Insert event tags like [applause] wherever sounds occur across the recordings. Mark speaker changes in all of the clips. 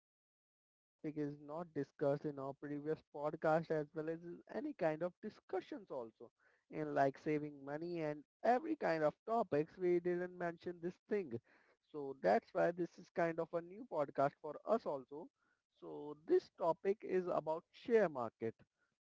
Speaker 1: podcast, this topic is not discussed in our previous podcast as well as in any kind of discussions also in like saving money and every kind of topics we didn't mention this thing. So that's why this is kind of a new podcast for us also. So this topic is about share market.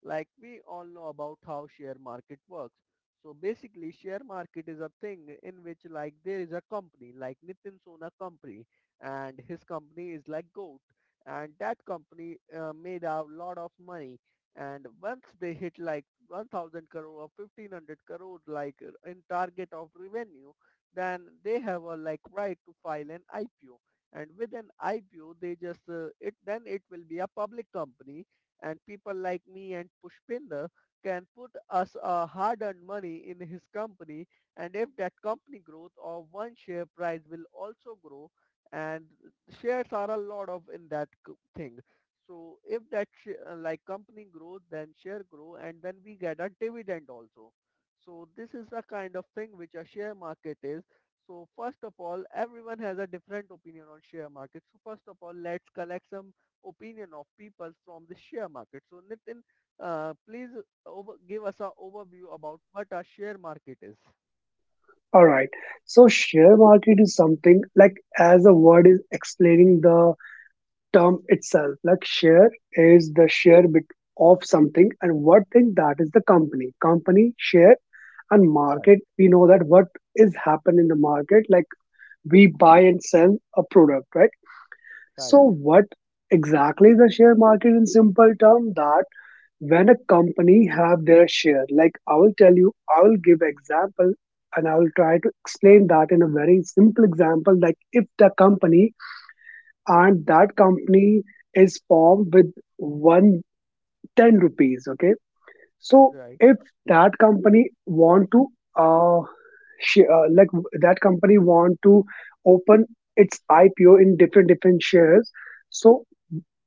Speaker 1: Like we all know about how share market works, so basically share market is a thing in which like there is a company like Nitin Sona company and his company is like GOAT and that company made a lot of money. And once they hit like 1000 crore or 1500 crore like in target of revenue, then they have a like right to file an IPO. And with an IPO they just it then it will be a public company and people like me and Pushpinder can put us our hard-earned money in his company. And if that company growth of one share price will also grow, and shares are a lot of in that thing. So if that like company grows, then share grow and then we get a dividend also. So this is a kind of thing which a share market is. So first of all, everyone has a different opinion on share market. So first of all, let's collect some opinion of people from the share market. So Nitin, please over give us a overview about what a share market is.
Speaker 2: All right. So share market is something like as a word is explaining the term itself. Like share is the share bit of something and what thing that is the company. Company share and
Speaker 1: Right,
Speaker 2: market. We know that what is happen in the market. Like we buy and sell a product, right?
Speaker 1: right,
Speaker 2: So what exactly is the share market in simple term? That when a company have their share, like I will tell you, I will give example and I will try to explain that in a very simple example. Like if the company and that company is formed with one ten rupees. Okay, so
Speaker 1: right,
Speaker 2: if that company want to uh, like that company want to open its IPO in different different shares. So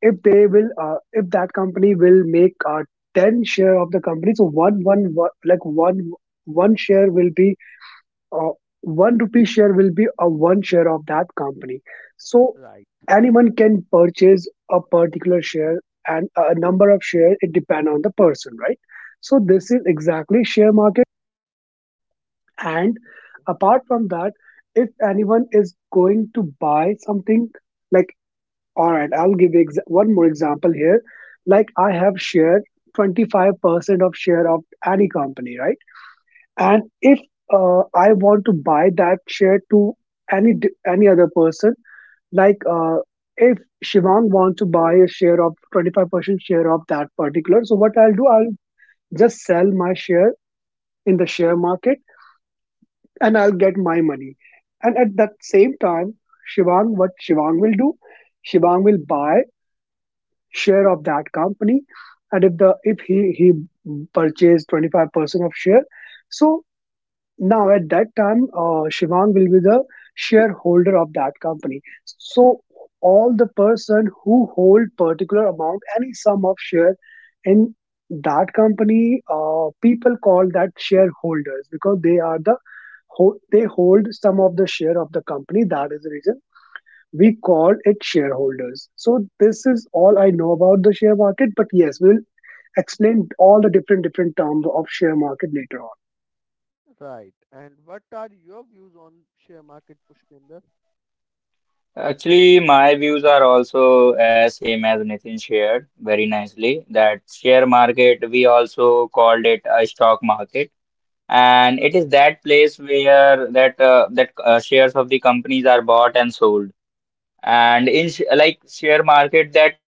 Speaker 2: if that company will make 10 share of the company, so one share will be uh, one rupee share will be a one share of that company. So
Speaker 1: right,
Speaker 2: anyone can purchase a particular share, and a number of share, it depend on the person, right? So this is exactly share market. And apart from that, if anyone is going to buy something, like, all right, I'll give one more example here. Like I have share 25% of share of any company, right? And if I want to buy that share to any other person, like uh, if Shivang wants to buy a share of 25% share of that particular, so what I'll do, I'll just sell my share in the share market, and I'll get my money. And at that same time, Shivang, what Shivang will do, Shivang will buy share of that company. And if he purchased 25% of share, so now at that time, Shivang will be the shareholder of that company. So all the person who hold particular amount any sum of share in that company, people call that shareholders because they are the they hold some of the share of the company. That is the reason we call it shareholders. So this is all I know about the share market, but yes, we'll explain all the different different terms of share market later on.
Speaker 1: right. And what are your views on share market, Pushpinder?
Speaker 3: Actually, my views are also as same as Nitin shared very nicely that share market, we also called it a stock market. And it is
Speaker 1: Right,
Speaker 3: that place where that that shares of the companies are bought and sold. And
Speaker 1: right,
Speaker 3: in sh like share market, that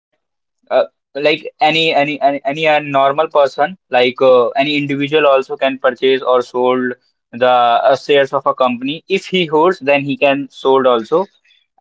Speaker 3: uh, like any a normal person like any individual also can purchase or sold the shares of a company if he holds then he can sold also,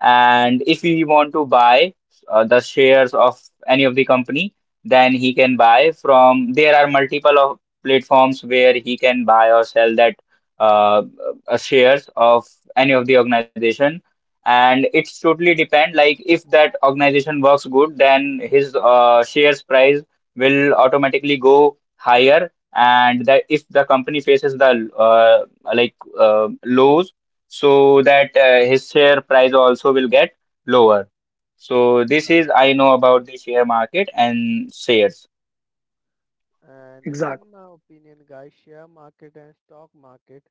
Speaker 3: and if he want to buy the shares of any of the company, then he can buy from there are multiple of platforms where he can buy or sell that uh, shares of any of the organization. And it's totally depend, like if that organization works good, then his shares price will automatically go higher, and that if the company faces the lows, so that his share price also will get lower. So this is
Speaker 1: right.
Speaker 3: I know about the share market and shares.
Speaker 1: And
Speaker 2: Exactly.
Speaker 1: in my opinion, guys, share market and stock market,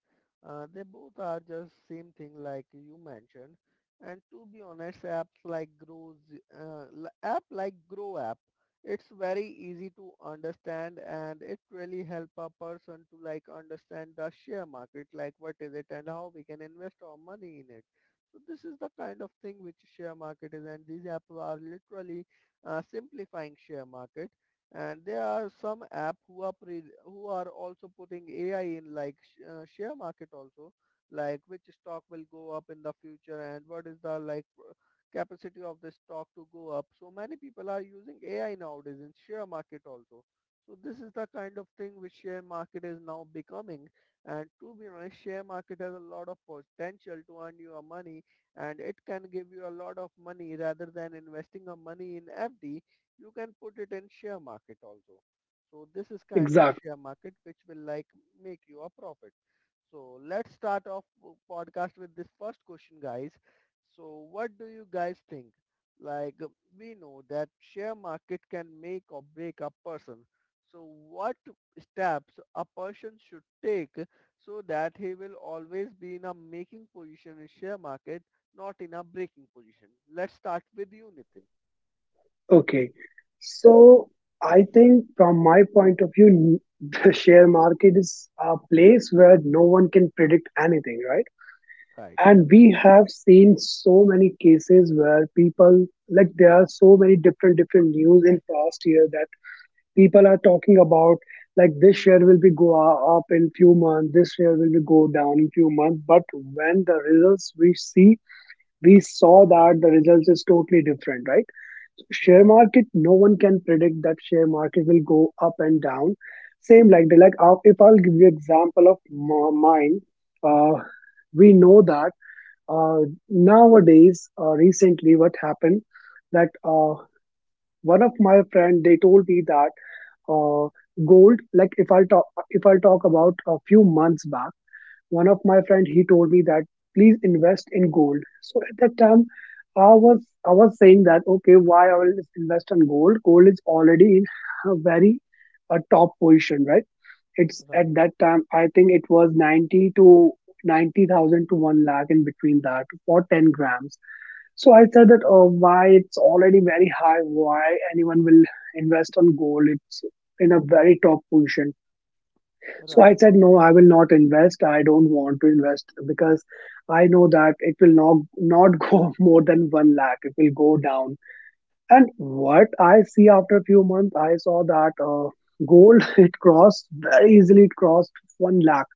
Speaker 1: they both are just same thing like you mentioned. And to be honest, apps like Grow, app like Grow app, it's very easy to understand and it really help a person to like understand the share market, like what is it and how we can invest our money in it. So this is the kind of thing which share market is, and these apps are literally simplifying share market. And there are some app who are who are also putting AI in like share market also, like which stock will go up in the future and what is the like capacity of this stock to go up. So many people are using AI nowadays in share market also. So this is the kind of thing which share market is now becoming. And to be honest, share market has a lot of potential to earn you a money, and it can give you a lot of money rather than investing a money in FD. You can put it in share market also. So this is kind of
Speaker 2: Exactly.
Speaker 1: share market which will like make you a profit. So let's start off podcast with this first question, guys. So what do you guys think? Like we know that share market can make or break a person. So what steps a person should take so that he will always be in a making position in share market, not in a breaking position. Let's start with you, Nitin.
Speaker 2: Okay. So I think from my point of view, [laughs] the share market is a place where no one can predict anything, right? And we have seen so many cases where people, like there are so many different different news in past year that people are talking about, like, this share will be go up in few months, this share will be go down in few months. But when the results we saw
Speaker 1: Right.
Speaker 2: that the results is totally different, right? Share
Speaker 1: Right,
Speaker 2: market, no one can predict that share market will go up and down. Same like the like if I'll give you example of mine. uh, we know that uh, nowadays, recently what happened, that one of my friend they told me that uh, gold, like, if I'll talk about a few months back. One of my friend he told me that please invest in gold. So at that time, I was saying that, okay, why I will invest in gold? Gold is already in a very top position, right? It's
Speaker 1: right.
Speaker 2: at that time, I think it was 90 to 90,000 to 1 lakh in between that for 10 grams. So I said
Speaker 1: Okay.
Speaker 2: that, oh, why it's already very high? Why anyone will invest on gold? It's in a very top position. So I
Speaker 1: Right,
Speaker 2: said, no, I will not invest. I don't want to invest because I know that it will not [laughs] go more than 1 lakh. It will go down. And what I see after a few months, I saw that gold [laughs] it crossed very easily. It crossed 1 lakh,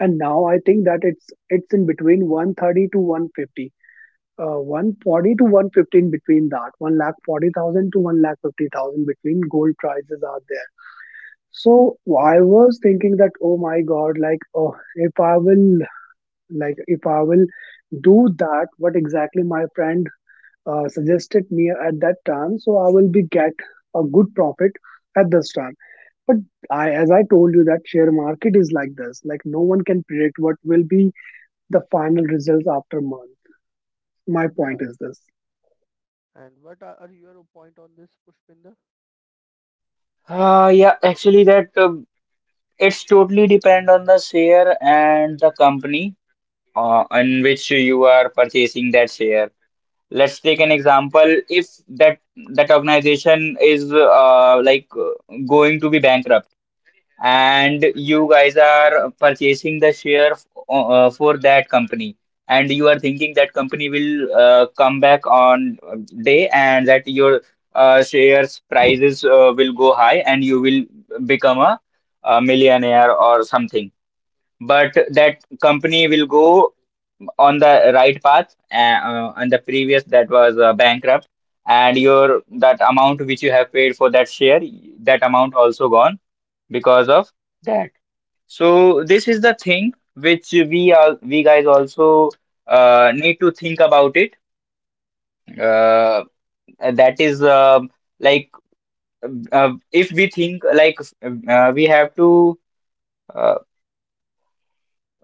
Speaker 2: and now I think that it's in between 130 to 150, 140 to
Speaker 1: right,
Speaker 2: 115, between that 1,40,000 to 1,50,000 between gold prices are there. So I was thinking that, oh my God, like, oh, if I will do that, what exactly my friend suggested me at that time, so I will be get a good profit at this time. But I, as I told you, that share market is like this. Like, no one can predict what will be the final results after month. My point
Speaker 1: right.
Speaker 2: is this.
Speaker 1: And what are your point on this, Pushpinder?
Speaker 3: Yeah actually that it's totally depend on the share and the company in which you are purchasing that share. Let's take an
Speaker 1: Right,
Speaker 3: example. If that organization is going to be bankrupt, and you guys are purchasing the share for that company, and you are thinking that company will come back on day, and that your shares prices will go high, and you will become a millionaire or something, but that company will go on the right path, and and the previous that was bankrupt, and your that amount which you have paid for that share, that amount also gone because of that. So this is the thing which we guys also need to think about it. Uh, that is like if we think like we have to uh,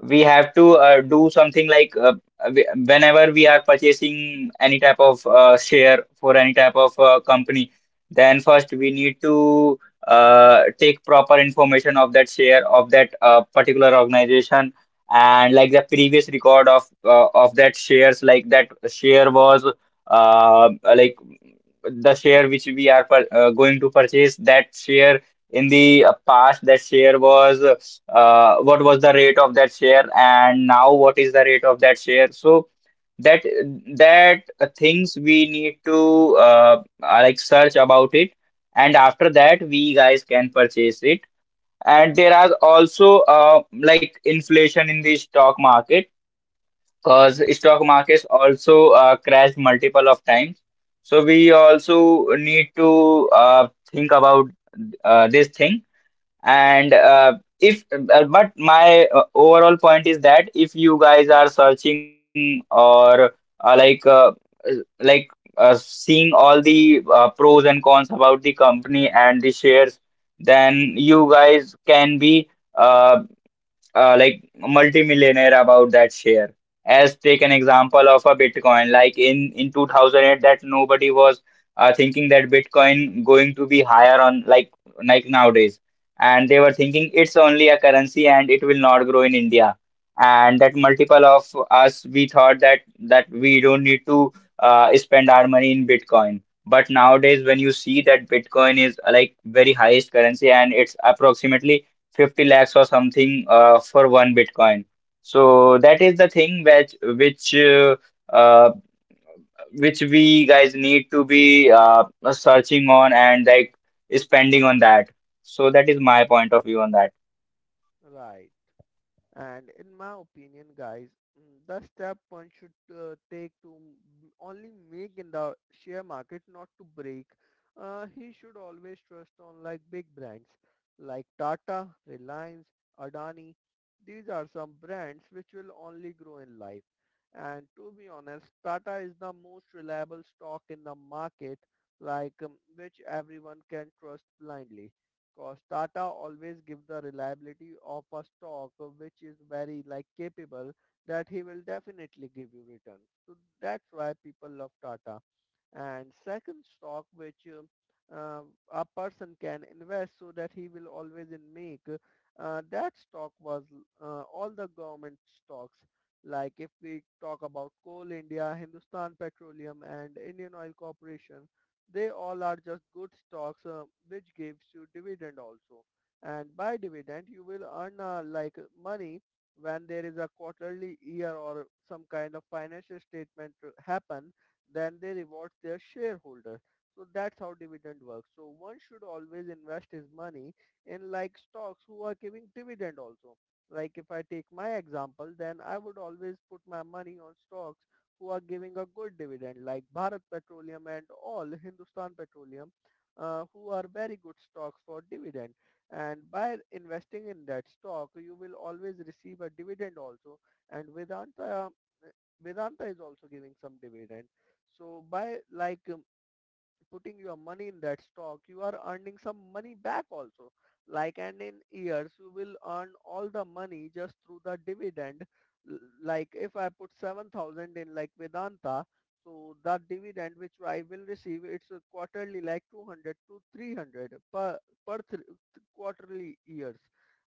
Speaker 3: we have to do something, like we- whenever we are purchasing any type of share for any type of company, then first we need to take proper information of that share of that particular organization, and like the previous record of that shares, like that share was uh, like the share which we are going to purchase, that share in the past, that share was what was the rate of that share and now what is the rate of that share. So that that things we need to like search about it, and after that we guys can purchase it. And there are also like inflation in the stock market, because stock markets also crashed multiple of times, so we also need to think about this thing. And if But my overall point is that if you guys are searching or uh, like uh, uh, like seeing all the pros and cons about the company and the shares, then you guys can be uh, like multimillionaire about that share. As take an example of a Bitcoin, like in 2008, that nobody was thinking that Bitcoin going to be higher on like nowadays, and they were thinking it's only a currency and it will not grow in India. And that multiple of us, we thought that we don't need to spend our money in Bitcoin. But nowadays, when you see that Bitcoin is like very highest currency and it's approximately 50 lakhs or something for one Bitcoin. So that is the thing which uh, uh, which we guys need to be searching on and like spending on that. So that is my point of view on that.
Speaker 1: right. And in my opinion, guys, the step one should take to only make in the share market, not to break. He should always trust on like big brands like Tata, Reliance, Adani. These are some brands which will only grow in life. And to be honest, Tata is the most reliable stock in the market, like which everyone can trust blindly. Because Tata always give the reliability of a stock which is very like capable that he will definitely give you return. So that's why people love Tata. And second stock which a person can invest so that he will always in make, that stock was all the government stocks. Like if we talk about Coal India, Hindustan Petroleum and Indian Oil Corporation, they all are just good stocks which gives you dividend also. And by dividend you will earn like money when there is a quarterly year or some kind of financial statement happen, then they reward their shareholders. So that's how dividend works. So one should always invest his money in like stocks who are giving dividend also. Like if I take my example, then I would always put my money on stocks who are giving a good dividend, like Bharat Petroleum and all Hindustan Petroleum, who are very good stocks for dividend. And by investing in that stock, you will always receive a dividend also. And Vedanta, Vedanta is also giving some dividend. So by like putting your money in that stock, you are earning some money back also. Like and in years, you will earn all the money just through the dividend. Like if I put 7,000 in like Vedanta, so the dividend which I will receive, it's a quarterly like 200 to 300 per, per th- quarterly years,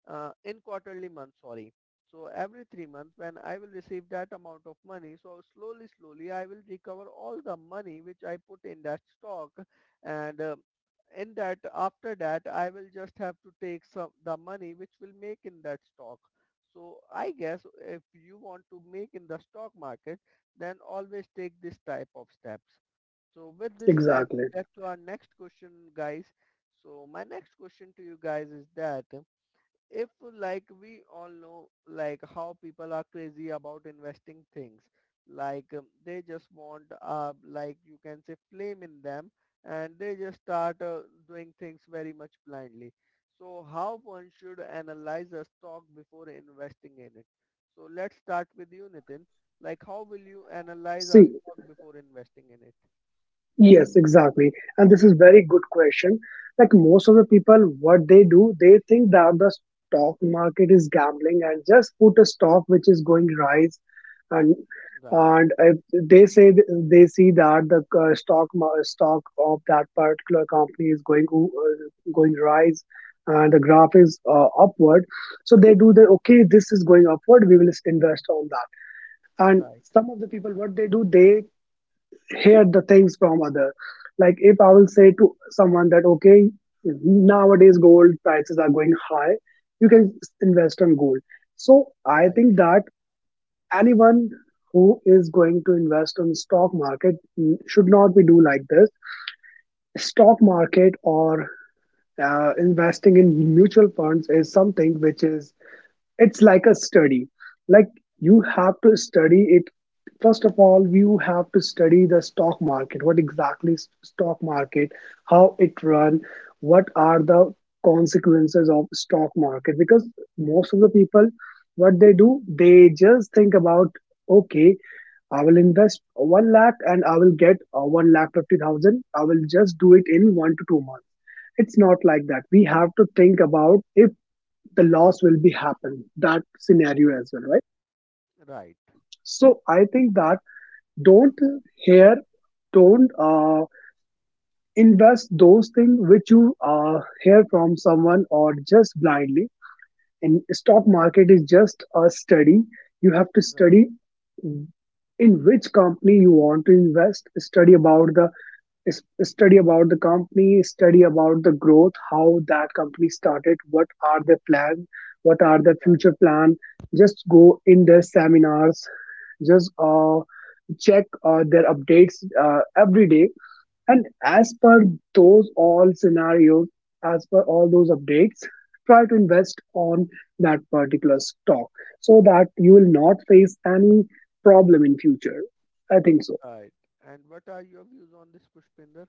Speaker 1: in quarterly month, sorry. So every 3 months when I will receive that amount of money, so slowly, slowly I will recover all the money which I put in that stock. And in that, after that I will just have to take some the money which will make in that stock. So I guess if you want to make in the stock market, then always take this type of steps. So with this, let's
Speaker 2: Exactly.
Speaker 1: get to our next question, guys. So my next question to you guys is that, if, like we all know like how people are crazy about investing things, like they just want like you can say flame in them, and they just start doing things very much blindly. So how one should analyze a stock before investing in it? So let's start with you, Nitin. Like how will you analyze a
Speaker 2: See,
Speaker 1: stock before investing in it?
Speaker 2: yes, exactly. And this is very good question. Like most of the
Speaker 1: Yeah.
Speaker 2: people, what they do, they think that the stock market is gambling and just put a stock which is going rise, and
Speaker 1: Right,
Speaker 2: and if they say th- they see that the stock of that particular company is going going rise, and the graph is upward. So they do the, okay, this is going upward. We will invest on that. And
Speaker 1: right,
Speaker 2: some of the people, what they do, they hear the things from other. Like if I will say to someone that, okay, nowadays gold prices are going high, you can invest on gold. So I
Speaker 1: right,
Speaker 2: think that anyone who is going to invest on stock market should not be do like this. Stock market or investing in mutual funds is something which is, it's like a study. Like, you have to study it. First of all, you have to study the stock market, what exactly is stock market, how it run, what are the consequences of stock market. Because most of the people, what they do, they just think about, okay, I will invest 1 lakh and I will get 1 lakh 50,000, I will just do it in 1 to 2 months. It's not like that. We have to think about if the loss will be happen, that scenario as well, right?
Speaker 1: right,
Speaker 2: So I think that don't hear don't invest those things which you hear from someone or just blindly. And stock market is just a study. You have to
Speaker 1: right,
Speaker 2: study in which company you want to invest. Study about the company, study about the growth, how that company started, what are their plan, what are their
Speaker 1: right.
Speaker 2: future plan. Just go in their seminars, just check their updates every day, and as per those all scenarios, as per all those updates, try to invest on that particular stock so that you will not face any problem in future. I think so.
Speaker 1: Right. And what are your views on this, Pushpinder?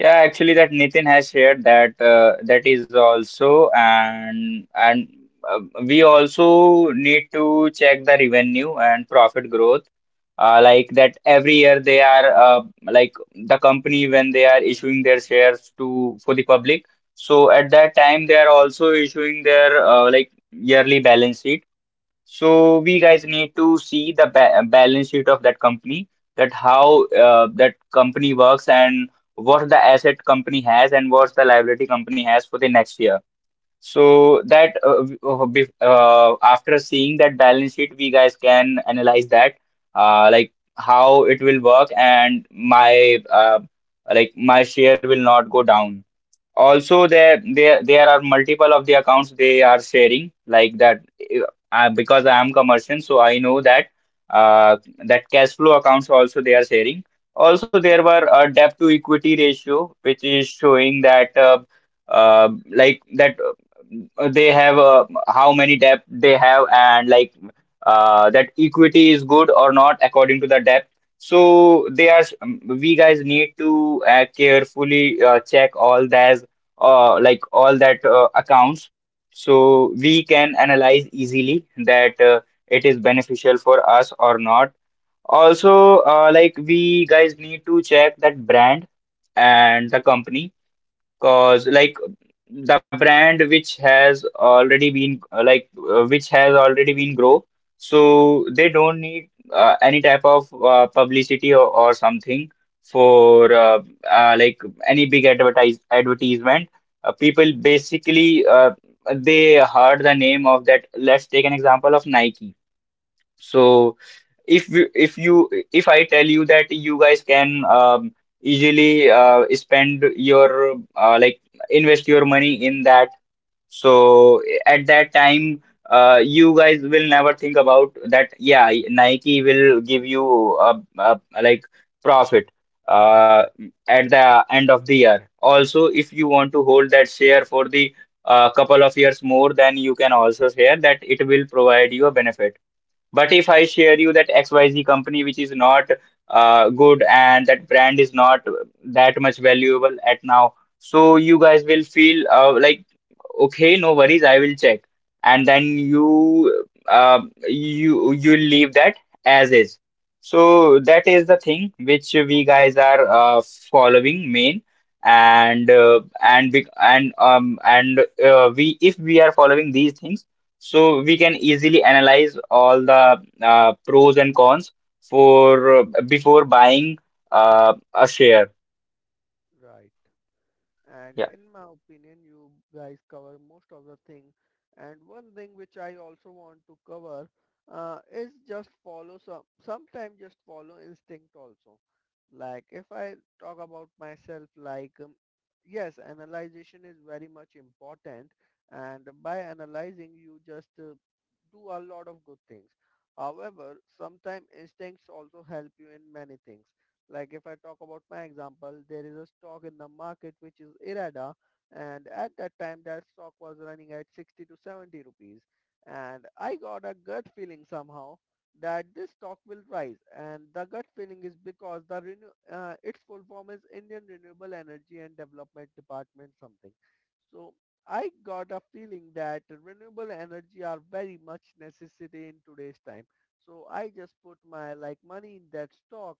Speaker 3: Yeah, actually, that Nitin has shared that, that is also. And uh, we also need to check the revenue and profit growth, that every year they are the company, when they are issuing their shares to for the public, so at that time they are also issuing their like yearly balance sheet. So we guys need to see the balance sheet of that company, that how that company works, and what the asset company has and what's the liability company has for the next year. So that after seeing that balance sheet, we guys can analyze that like how it will work, and my like my share will not go down. Also, there are multiple of the accounts they are sharing like that. uh, because I am commercial so I know that uh, that cash flow accounts also they are sharing. Also, there were a debt to equity ratio which is showing that uh, that they have how many debt they have, and like that equity is good or not according to the debt. So they are, we guys need to carefully check all that, like all that accounts, so we can analyze easily that it is beneficial for us or not. Also, like we guys need to check that brand and the company, cause like the brand which has already been which has already been grow, so they don't need any type of publicity or something for uh, like any big advertisement. People basically they heard the name of that. Let's take an example of Nike. So if you- if you if I tell you that you guys can easily spend your invest your money in that. So at that time, you guys will never think about that. Yeah, Nike will give you a like profit uh, at the end of the year. Also, if you want to hold that share for the couple of years more, then you can also share that it will provide you a benefit. But if I share you that XYZ company which is not good and that brand is not that much valuable at now, so you guys will feel like, okay, no worries, I will check. And then you leave that as is. So that is the thing which we guys are following main. And we, and We, if we are following these things, so we can easily analyze all the pros and cons for before buying a share.
Speaker 1: Right. And
Speaker 3: Yeah,
Speaker 1: in my opinion, you guys cover most of the thing. And one thing which I also want to cover is just follow sometimes just follow instinct also. Like if I talk about myself, like yes, analyzation is very much important. And by analyzing, you just do a lot of good things. However, sometimes instincts also help you in many things. Like if I talk about my example, there is a stock in the market which is Irada, and at that time that stock was running at 60 to 70 rupees, and I got a gut feeling somehow that this stock will rise. And the gut feeling is because the its full form is Indian Renewable Energy and Development Department something. So I got a feeling that renewable energy are very much necessity in today's time. So I just put my like money in that stock.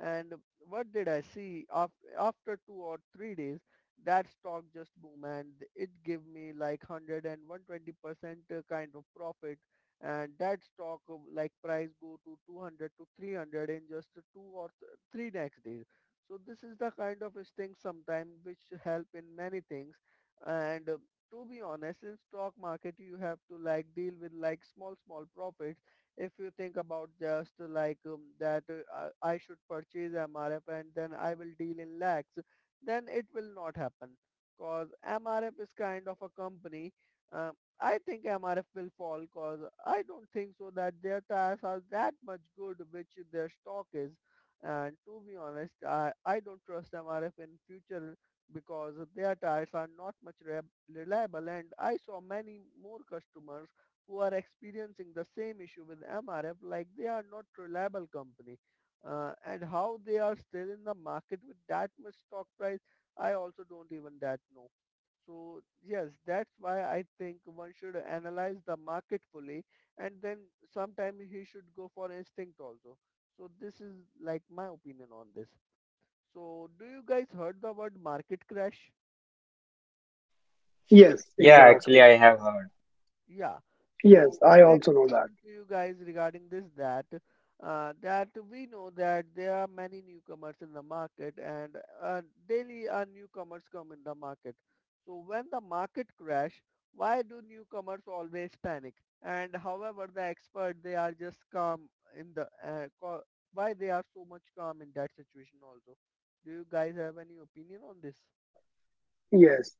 Speaker 1: And what did I see? After 2 or 3 days, that stock just boom, and it gave me like one hundred and one hundred twenty percent kind of profit. And that stock like price go to 200 to 300 in just two or three next days. So this is the kind of thing sometime which help in many things. And to be honest, in stock market you have to like deal with like small small profits. If you think about just like that I should purchase MRF and then I will deal in lakhs, then it will not happen because MRF is kind of a company. Uh, I think MRF will fall because I don't think so that their tires are that much good which their stock is. And to be honest, I don't trust MRF in future because their tires are not much reliable, and I saw many more customers who are experiencing the same issue with MRF, like they are not reliable company. And how they are still in the market with that much stock price, I also don't even that know. So yes, that's why I think one should analyze the market fully, and then sometime he should go for instinct also. So this is like my opinion on this. So do you guys heard the word market crash?
Speaker 2: Yes,
Speaker 3: yeah. Actually,
Speaker 2: exactly.
Speaker 3: I have heard.
Speaker 1: Yeah.
Speaker 2: Yes,
Speaker 1: So my
Speaker 2: I
Speaker 1: next
Speaker 2: also know that.
Speaker 1: question to you guys regarding this that, that we know that there are many newcomers in the market, and uh, daily newcomers come in the market. So when the market crash, why do newcomers always panic? And however, the expert they are just calm in the why they are so much calm in that situation also. Do you guys have any opinion on this?
Speaker 2: Yes,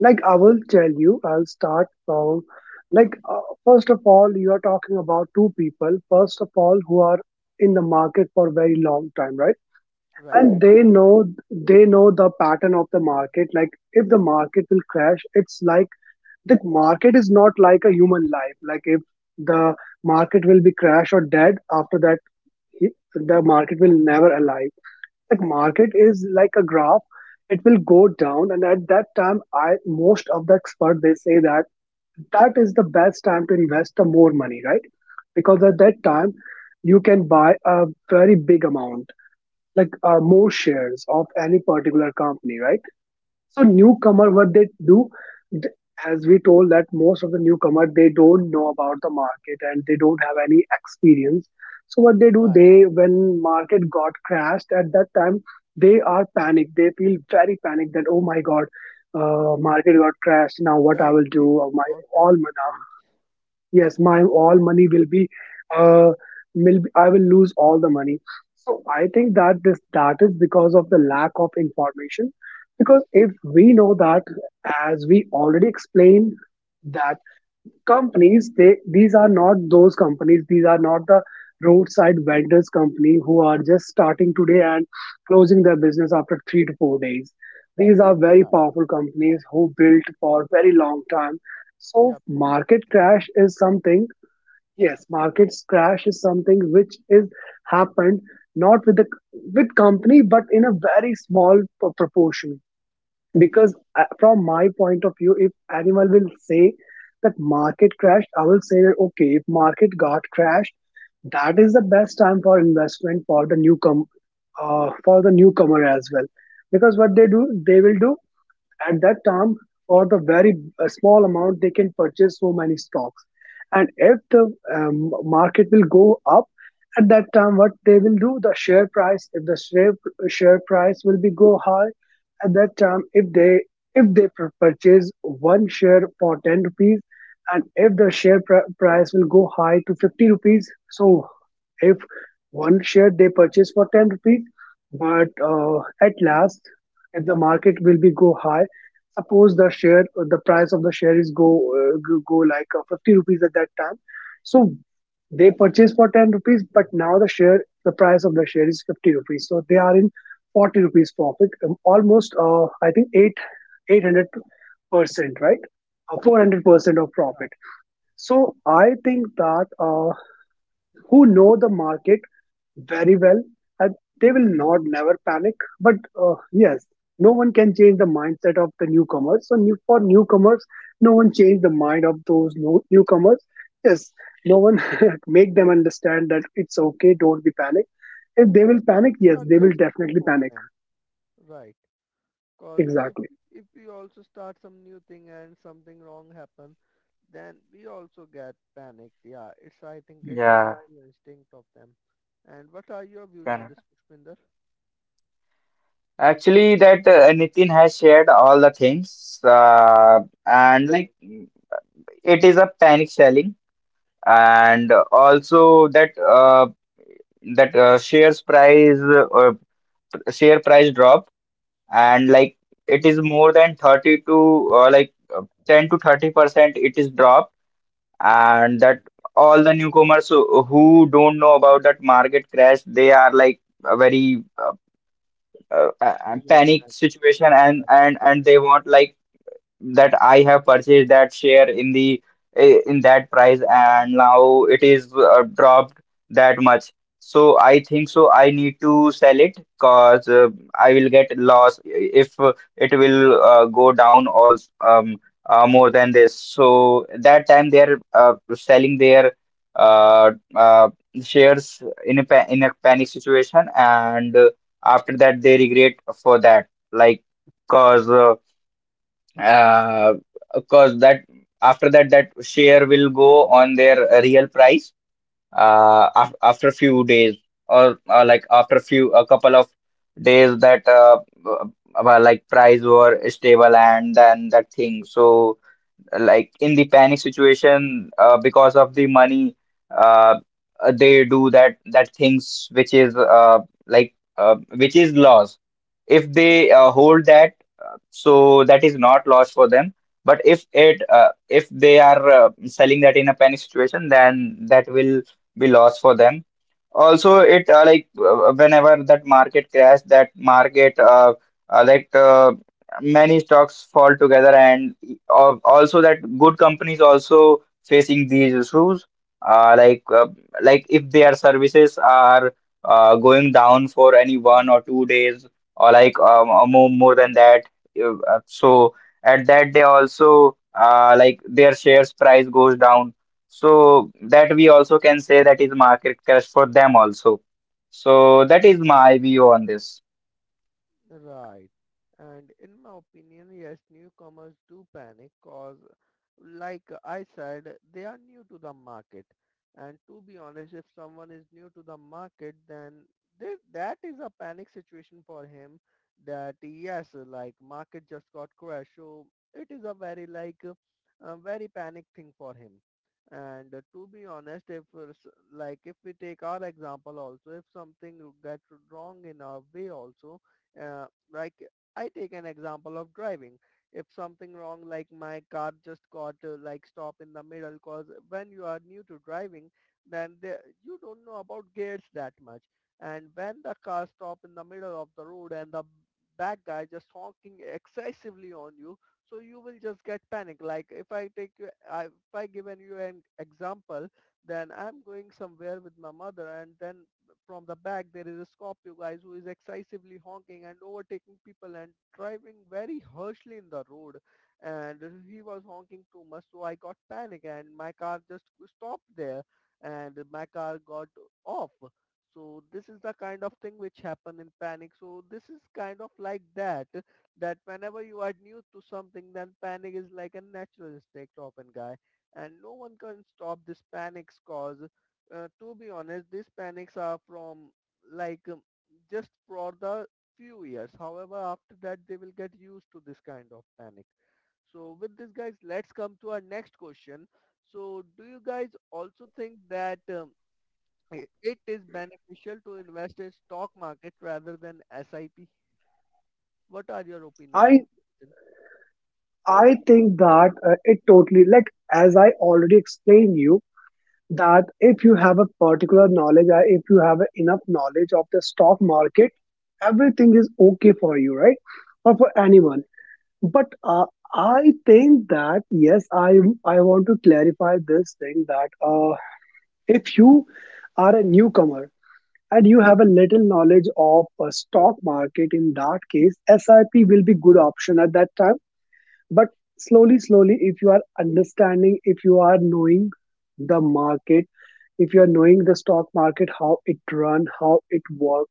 Speaker 2: like I will tell you, I'll start from first of all, you are talking about two people, first of all, who are in the market for a very long time, right?
Speaker 1: Right,
Speaker 2: And
Speaker 1: and
Speaker 2: they
Speaker 1: one
Speaker 2: know they know the pattern of the market. Like, if the market will crash, it's like the market is not like a human life. Like if the market will be crash or dead after that, the market will never alive. Like, market is like a graph, it will go down. And at that time, I most of the expert they say that that is the best time to invest the more money, right? Because at that time you can buy a very big amount, like more shares of any particular company, right? So newcomer, what they do, th- as we told that most of the newcomer they don't know about the market and they don't have any experience. So what they do,
Speaker 1: right,
Speaker 2: they when market got crashed at that time, they are panicked. They feel very panicked that, oh my God, market got crashed. Now what I
Speaker 1: right.
Speaker 2: will
Speaker 1: They
Speaker 2: do? Uh,
Speaker 1: just
Speaker 2: My
Speaker 1: lost their
Speaker 2: all my
Speaker 1: controls.
Speaker 2: yes my all money uh will be, I will lose all the money. So I think that this that is because of the lack of information, because if we know that, as we already explained, that companies, they these are not those companies, these are not the roadside vendors company who are just starting today and closing their business after 3 to 4 days. These are very
Speaker 1: Right.
Speaker 2: powerful companies who built for very long time. So
Speaker 1: Yeah, built from
Speaker 2: market
Speaker 1: scratch.
Speaker 2: crash is something yes market crash is something which is happened, not with the with company, but in a very small proportion. Because from my point of view, if animal will say that market crashed, I will say that okay, if market got crashed, that is the best time for investment for the newcomer, for the newcomer as well. Because what they do they will do, at that time, for the very small amount, they can purchase so many stocks. And if the market will go up, at that time, what they will do, the share price, if the share, share price will be go high. At that time, if they, purchase one share for 10 rupees, and if the price will go high to 50 rupees. So if one share they purchase for 10 rupees, but at last, if the market will be go high, suppose the share, the price of the share is go 50 rupees at that time. So they purchase for 10 rupees, but now the share, the price of the share is 50 rupees, so they are in 40 rupees profit, almost I think 8 800%, right? 400% of profit. So I think that who know the market very well, and they will not never panic. But yes, no one can change the mindset of the newcomers, for newcomers, no one change the mind of those newcomers. Yes, no one [laughs] make them understand that it's okay, don't be panic. If they
Speaker 1: Because
Speaker 2: will panic,
Speaker 1: things
Speaker 2: yes,
Speaker 1: are
Speaker 2: they will
Speaker 1: just new
Speaker 2: definitely
Speaker 1: for
Speaker 2: panic.
Speaker 1: them, right? Because if
Speaker 2: Exactly.
Speaker 1: if we also start some new thing and something wrong happen, then we also get panicked. Yeah, it's I think it's a
Speaker 3: Yeah,
Speaker 1: natural instinct of them. And what are your views on
Speaker 3: correct.
Speaker 1: this, Pushpinder?
Speaker 3: Actually, that Nitin has shared all the things,
Speaker 1: Yeah,
Speaker 3: and like it is a panic selling, and also that that uh, shares price uh, share price drop, and like it is more than 30 to 10 to 30% it is dropped. And
Speaker 1: yeah,
Speaker 3: that all the newcomers who don't know about that market crash, they are like a very
Speaker 1: they get panicked,
Speaker 3: panic
Speaker 1: right?
Speaker 3: situation, and they want like that I have purchased that share in the in that price, and now it is dropped that much. So I think so I need to sell it because I will get loss if it will go down also more than this. So that time they are selling their uh, uh, shares in a panic situation, and after that they regret for that, like because uh, of that, after that, that share will go on their real price af after few days or like after few a couple of days, that uh, price were stable and then that thing. So like in the panic situation because of the money uh, they do that things which is which is loss. If they hold that, so that is not loss for them, but if it if they are selling that in a panic situation, then that will be loss for them. Also it like whenever that market crash, that market uh, like uh, many stocks fall together, and also that good companies also facing these issues uh, like uh, like if their services are going down for any 1 or 2 days or like or more than that. So at that they also like their shares price goes down. So that we also can say that is market crash for them also. So that is my view on this.
Speaker 1: Right. And in my opinion, yes, newcomers do panic cause like I said, they are new to the market. And to be honest, if someone is new to the market, then they, that is a panic situation for him, that yes, like market just got crashed. So it is a very like a very panic thing for him. And to be honest, if s- like if we take our example also, if something get wrong in our way also, uh, like I take an example of driving. If something wrong, like my car just got like stop in the middle, cause when you are new to driving, then you don't know about gears that much. And when the car stop in the middle of the road and the bad guy just honking excessively on you, so you will just get panic. Like if I take, if I given you an example, then I'm going somewhere with my mother, and then from the back there is a Scorpio guys who is excessively honking and overtaking people and driving very harshly in the road and he was honking too much so I got panic and my car just stopped there and my car got off. So this is the kind of thing which happen in panic. So this is kind of like that, that whenever you are new to something, then panic is like a natural instinct often guy. And no one can stop this panics cause to be honest, these panics are from like just for the few years. However, after that they will get used to this kind of panic. So with this guys, let's come to our next question. So do you guys also think that it is beneficial to invest in stock market rather than SIP? What are your opinion on
Speaker 2: i
Speaker 1: this?
Speaker 2: i think that it totally like as I already explained you, that if you have a particular knowledge, or if you have enough knowledge of the stock market, everything is okay for you, right? Or for anyone.
Speaker 1: Right.
Speaker 2: But I think that yes I want to clarify this thing, that if you are a newcomer and you have a little knowledge of a stock market, in that case SIP will be good option at that time. But slowly slowly, if you are understanding, if you are knowing the market, if you are knowing the stock market, how it run, how it work,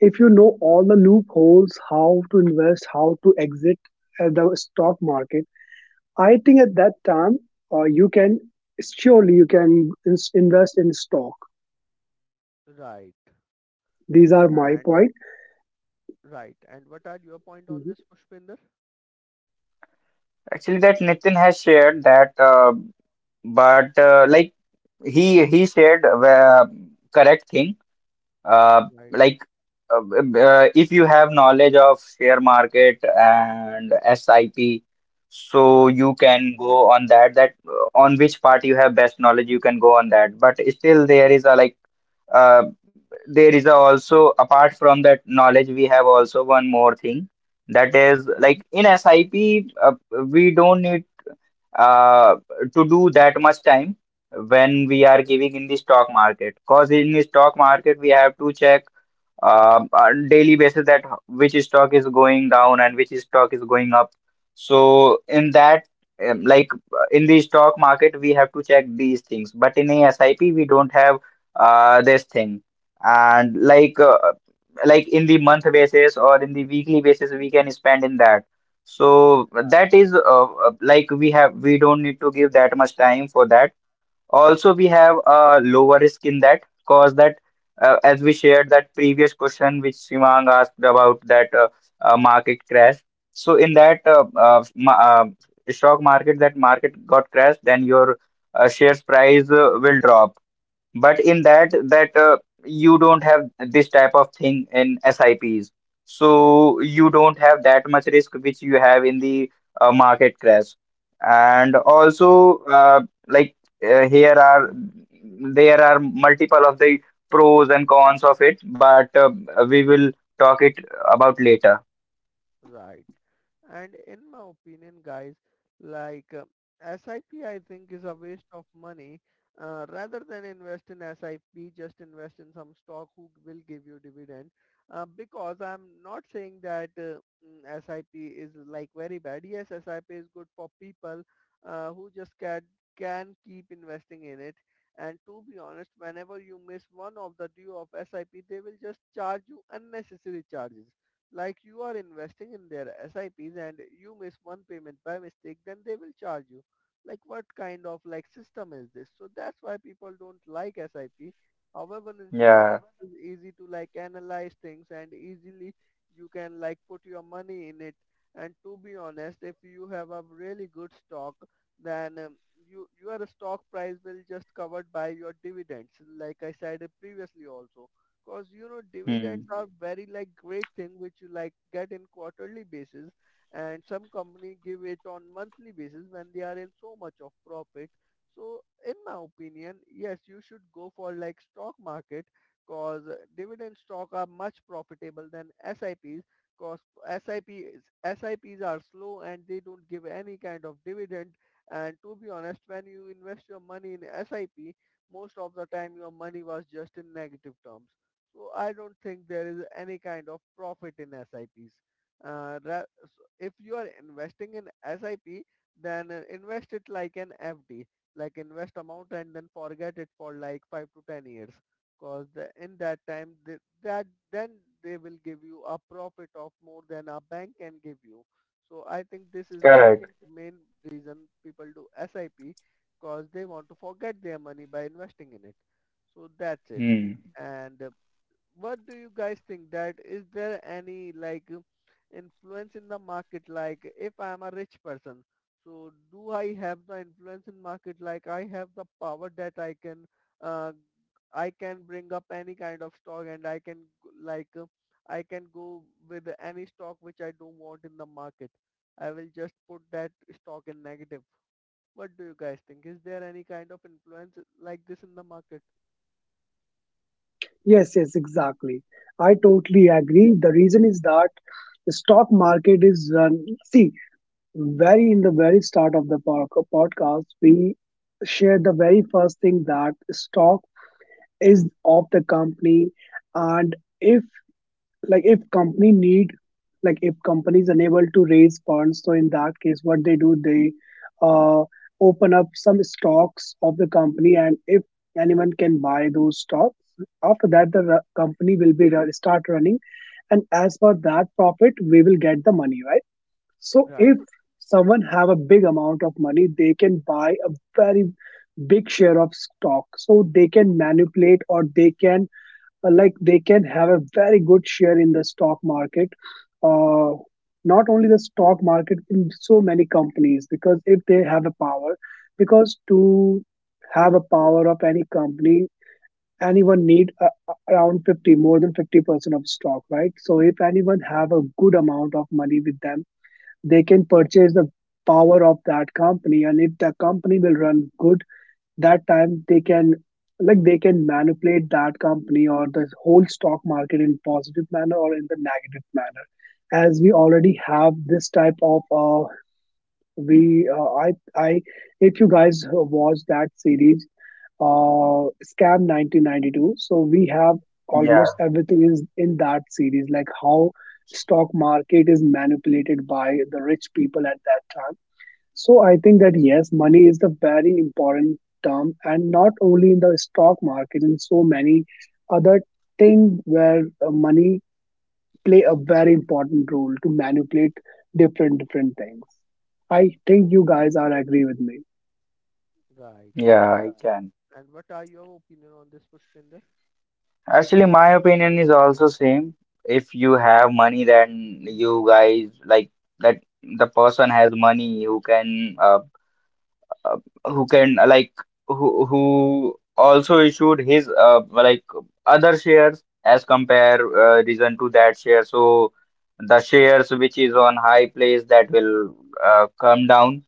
Speaker 2: if you know all the loopholes, how to invest, how to exit the stock market, I think at that time you can surely you can invest in stock.
Speaker 1: Right.
Speaker 2: These are my
Speaker 1: And
Speaker 2: point.
Speaker 1: right. And what are your point on
Speaker 2: Mhm.
Speaker 1: this, Pushpinder?
Speaker 3: Actually, that Nitin has shared that, but like he shared correct thing. Uh,
Speaker 1: Right.
Speaker 3: like if you have knowledge of share market and SIP, so
Speaker 1: Right.
Speaker 3: you can go on that. That on which part you have best knowledge, you can go on that. But still, there is a like uh, there is a also apart from that knowledge, we have also one more thing, that is like in SIP, we don't need uh, to do that much time when we are
Speaker 1: Okay.
Speaker 3: giving in the stock market, because in the stock market we have to check
Speaker 2: Hello, can you hear me?
Speaker 3: on daily basis that which stock is going down and which stock is going up. So in that um, like in the stock market we have to check these things, but in a SIP we don't have this thing, and like in the month basis or in the weekly basis we can spend in that. So
Speaker 1: Right.
Speaker 3: that is we have we don't need to give that much time for that. Also, we have a lower risk in that, cause that as we shared that previous question which Simang asked about that market crash. So in that ma stock market, that market got crashed, then your shares price will drop, but in that you don't have this type of thing in SIPs, so you don't have that much risk which you have in the market crash. And also like here are there are multiple of the pros and cons of it, but we will talk it about later.
Speaker 1: Right. And in my opinion, guys, like SIP, I think is a waste of money. Rather than invest in SIP, just invest in some stock who will give you dividend. Because I'm not saying that SIP is like very bad. Yes, SIP is good for people who just can keep investing in it. And to be honest, whenever you miss one of the due of SIP, they will just charge you unnecessary charges like you are investing in their SIPs and you miss one payment by mistake, then they will charge you. Like what kind of like system is this? So that's why people don't like SIP. However, in stock
Speaker 3: Yeah.
Speaker 1: is easy to like analyze things and easily you can like put your money in it. And to be honest, if you have a really good stock, then you your stock price will just covered by your dividends. Like I said previously also. Cause you know dividends
Speaker 3: Hmm.
Speaker 1: are very like great thing which you like get in quarterly basis, and some company give it on monthly basis when they are in so much of profit. So in my opinion, yes, you should go for like stock market, cause dividend stock are much profitable than SIPs. Cause SIPs SIPs are slow and they don't give any kind of dividend. And to be honest, when you invest your money in SIP, most of the time your money was just in negative terms. So I don't think there is any kind of profit in SIPs. So if you are investing in SIP, then invest it like an FD, like invest amount and then forget it for like 5 to 10 years, because in that time th that then they will give you a profit of more than a bank can give you. So I think this is the
Speaker 3: Correct.
Speaker 1: main reason people do SIP, because they want to forget their money by investing in it. So that's it.
Speaker 3: Hmm.
Speaker 1: And what do you guys think that is there any like influence in the market, like if I am a rich person, so do I have the influence in market, like I have the power that uh, I can bring up any kind of stock and I can like I can go with any stock which I don't want in the market, I will just put that stock in negative. What do you guys think, is there any kind of influence like this in the market?
Speaker 2: Yes, yes, exactly, I totally agree. The reason is that the stock market is run, see, very in the very start of the podcast, we shared the very first thing, that stock is of the company. And if, like, if company need, like, if company is unable to raise funds, so in that case, what they do, they uh, open up some stocks of the company, and if anyone can buy those stocks. After that, the ru- company will be ru- start running, and as per that profit, we will get the money, right? So
Speaker 1: Right,
Speaker 2: if someone have a big amount of money, they can buy a very big share of stock. So they can manipulate, or they can they can have a very good share in the stock market. Uh, Not only the stock market, in so many companies, because if they have a power, because to have a power of any company, anyone need around 50, more than 50% of stock, right? So if anyone
Speaker 1: right,
Speaker 2: have a good amount of money with them, they can purchase the power of that company, and if the company will run good, that time they can, like, they can manipulate that company or the whole stock market in positive manner or in the negative manner. As we
Speaker 1: right.
Speaker 2: already have this type of we I if you guys watch that series, Scam 1992. So we have
Speaker 1: Shouldn't-
Speaker 3: Yeah,
Speaker 2: almost everything is in that series, like how stock market is manipulated by the rich people at that time. So I think that yes, money is the very important term, and not only in the stock market, in so many other things where money play a very important role to manipulate different different things. I think you guys are agree with me.
Speaker 1: Right.
Speaker 3: yeah, I can.
Speaker 1: And what are your opinion on this, Pushpinder?
Speaker 3: Actually, my opinion is also same. If you
Speaker 1: Okay.
Speaker 3: have money, then you guys like that the person has money uh who can like who also issued his like other shares as compare reason to that share. So the shares which is on high place that will come down.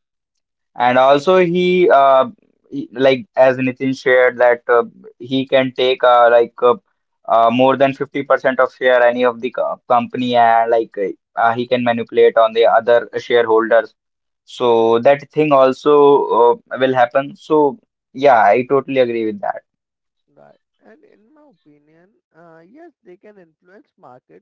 Speaker 3: And also like as Nitin shared that he can take more than 50% of share any of the company, and like he can manipulate on the other shareholders. So that thing also will happen. So yeah, I totally agree with that.
Speaker 1: Right. And in my opinion, yes, they can influence market.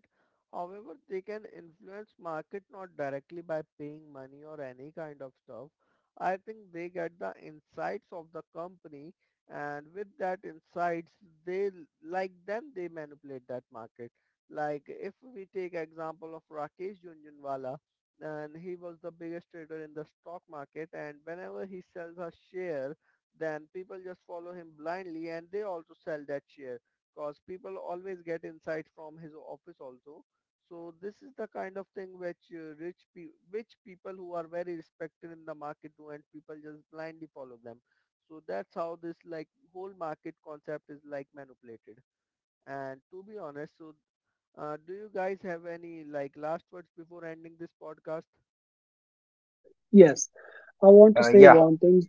Speaker 1: However, they can influence market not directly by paying money or any kind of stuff. I think they get the insights of the company and with that insights, they l- like then they manipulate that market. Like if we take example of Rakesh Junjunwala and he was the biggest trader in the stock market and whenever he sells a share then people just follow him blindly and they also sell that share because people always get insight from his office also. So this is the kind of thing which which people who are very respected in the market do and people just blindly follow them. So that's how this like whole market concept is like manipulated. And to be honest, so do you guys have any like last words before ending this podcast?
Speaker 2: Yes, I want to
Speaker 3: Uh,
Speaker 2: say
Speaker 3: yeah,
Speaker 2: one thing.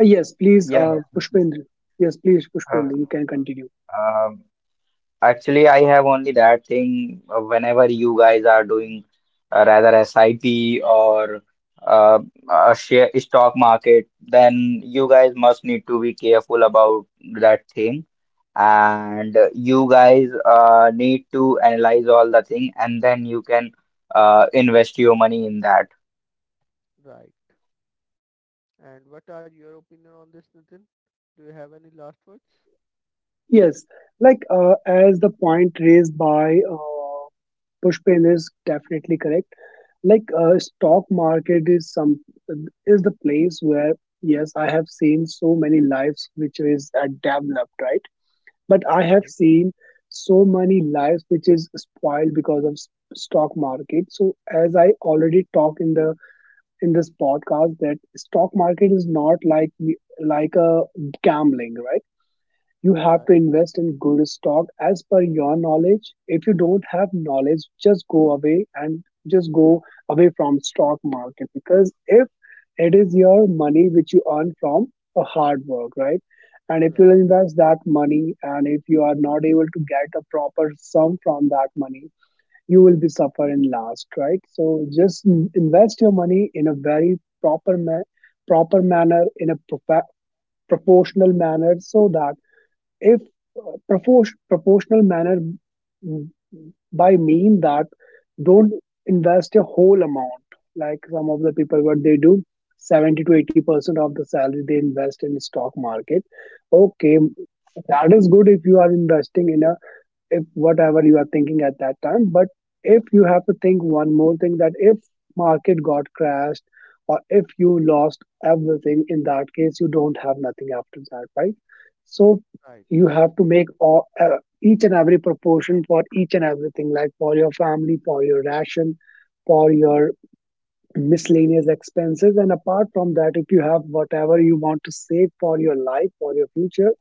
Speaker 2: Yes, please,
Speaker 3: yeah. Nitin,
Speaker 2: Pushpendra. Yes, please, Pushpendra, you can continue.
Speaker 3: Uh, Actually, I have only that thing, whenever you guys are doing rather SIP or uh, a share stock market, then you guys must need to be careful about that thing. And you guys need to analyze all the thing, and then you can invest your money in that.
Speaker 1: Right. And what are your opinion on this, Nitin? Do you have any last words?
Speaker 2: Yes, like as the point raised by Pushpendra is definitely correct. Like stock market is some is the place where, yes, I have seen so many lives which is developed, right? But I have
Speaker 1: Right.
Speaker 2: seen so many lives which is spoiled because of stock market. So as I already talked in the in this podcast, that stock market is not like, like a gambling, right? You
Speaker 1: Right,
Speaker 2: have to invest in good stock as per your knowledge. If you don't have knowledge, just go away and just go away from stock market. Because if it is your money which you earn from a hard work, right? And if
Speaker 1: right,
Speaker 2: you invest that money, and if you are not able to get a proper sum from that money, you will be suffer in last, right? So just invest your money in a very proper ma- proper manner in a propa- proportional manner, so that if proportional manner, mm, by mean that, don't invest a whole amount. Like some of the people, what they do, 70 to 80% of the salary they invest in stock market. Okay, that is good if you are investing in a, if whatever you are thinking at that time. But if you have to think one more thing, that if market got crashed, or if you lost everything, in that case you don't have nothing after that, right? So
Speaker 1: right.
Speaker 2: you have to make all, each and every proportion for each and everything, like for your family, for your ration, for your miscellaneous expenses. And apart from that, if you have whatever you want to save for your life, for your future,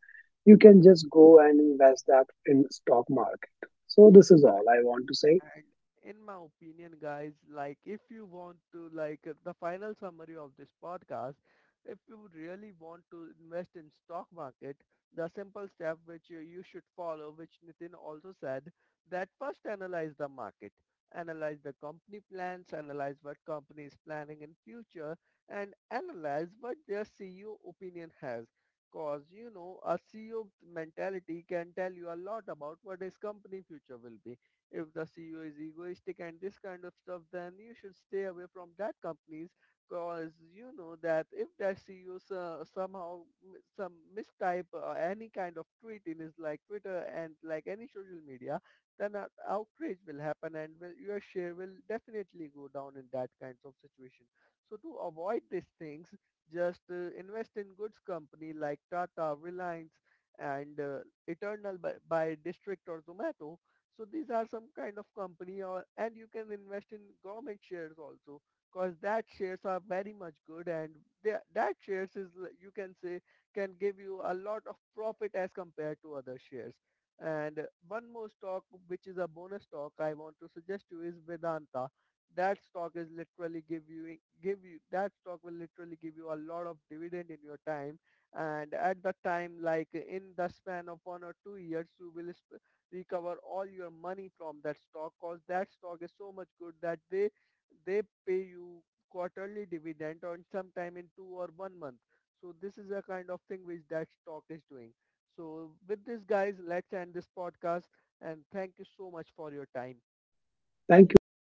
Speaker 2: you can just go and invest that in stock market. So this is all I want to say.
Speaker 1: And in my opinion, guys, like if you want to, like the final summary of this podcast, if you really want to invest in stock market, the simple step which you should follow, which Nitin also said, that first analyze the market, analyze the company plans, analyze what company is planning in future, and analyze what their CEO opinion has. Cause you know a CEO mentality can tell you a lot about what his company future will be. If the CEO is egoistic and this kind of stuff, then you should stay away from that companies because you know that if that somehow some mistype any kind of tweet in his like Twitter and like any social media, then an outrage will happen and will, your share will definitely go down in that kinds of situation. So to avoid these things, just invest in goods company like Tata, Reliance, and Eternal by District or Zomato, so these are some kind of company, or and you can invest in government shares also because that shares are very much good and that shares is you can say can give you a lot of profit as compared to other shares. And one more stock which is a bonus stock I want to suggest to you is Vedanta. That stock is literally give you that stock will literally give you a lot of dividend in your time and at the time like in the span of 1 or 2 years you will recover all your money from that stock cause that stock is so much good that they pay you quarterly dividend or sometime in 2 or 1 month. So this is a kind of thing which that stock is doing. So with this guys, let's end this podcast and thank you so much for your time.
Speaker 2: Thank you.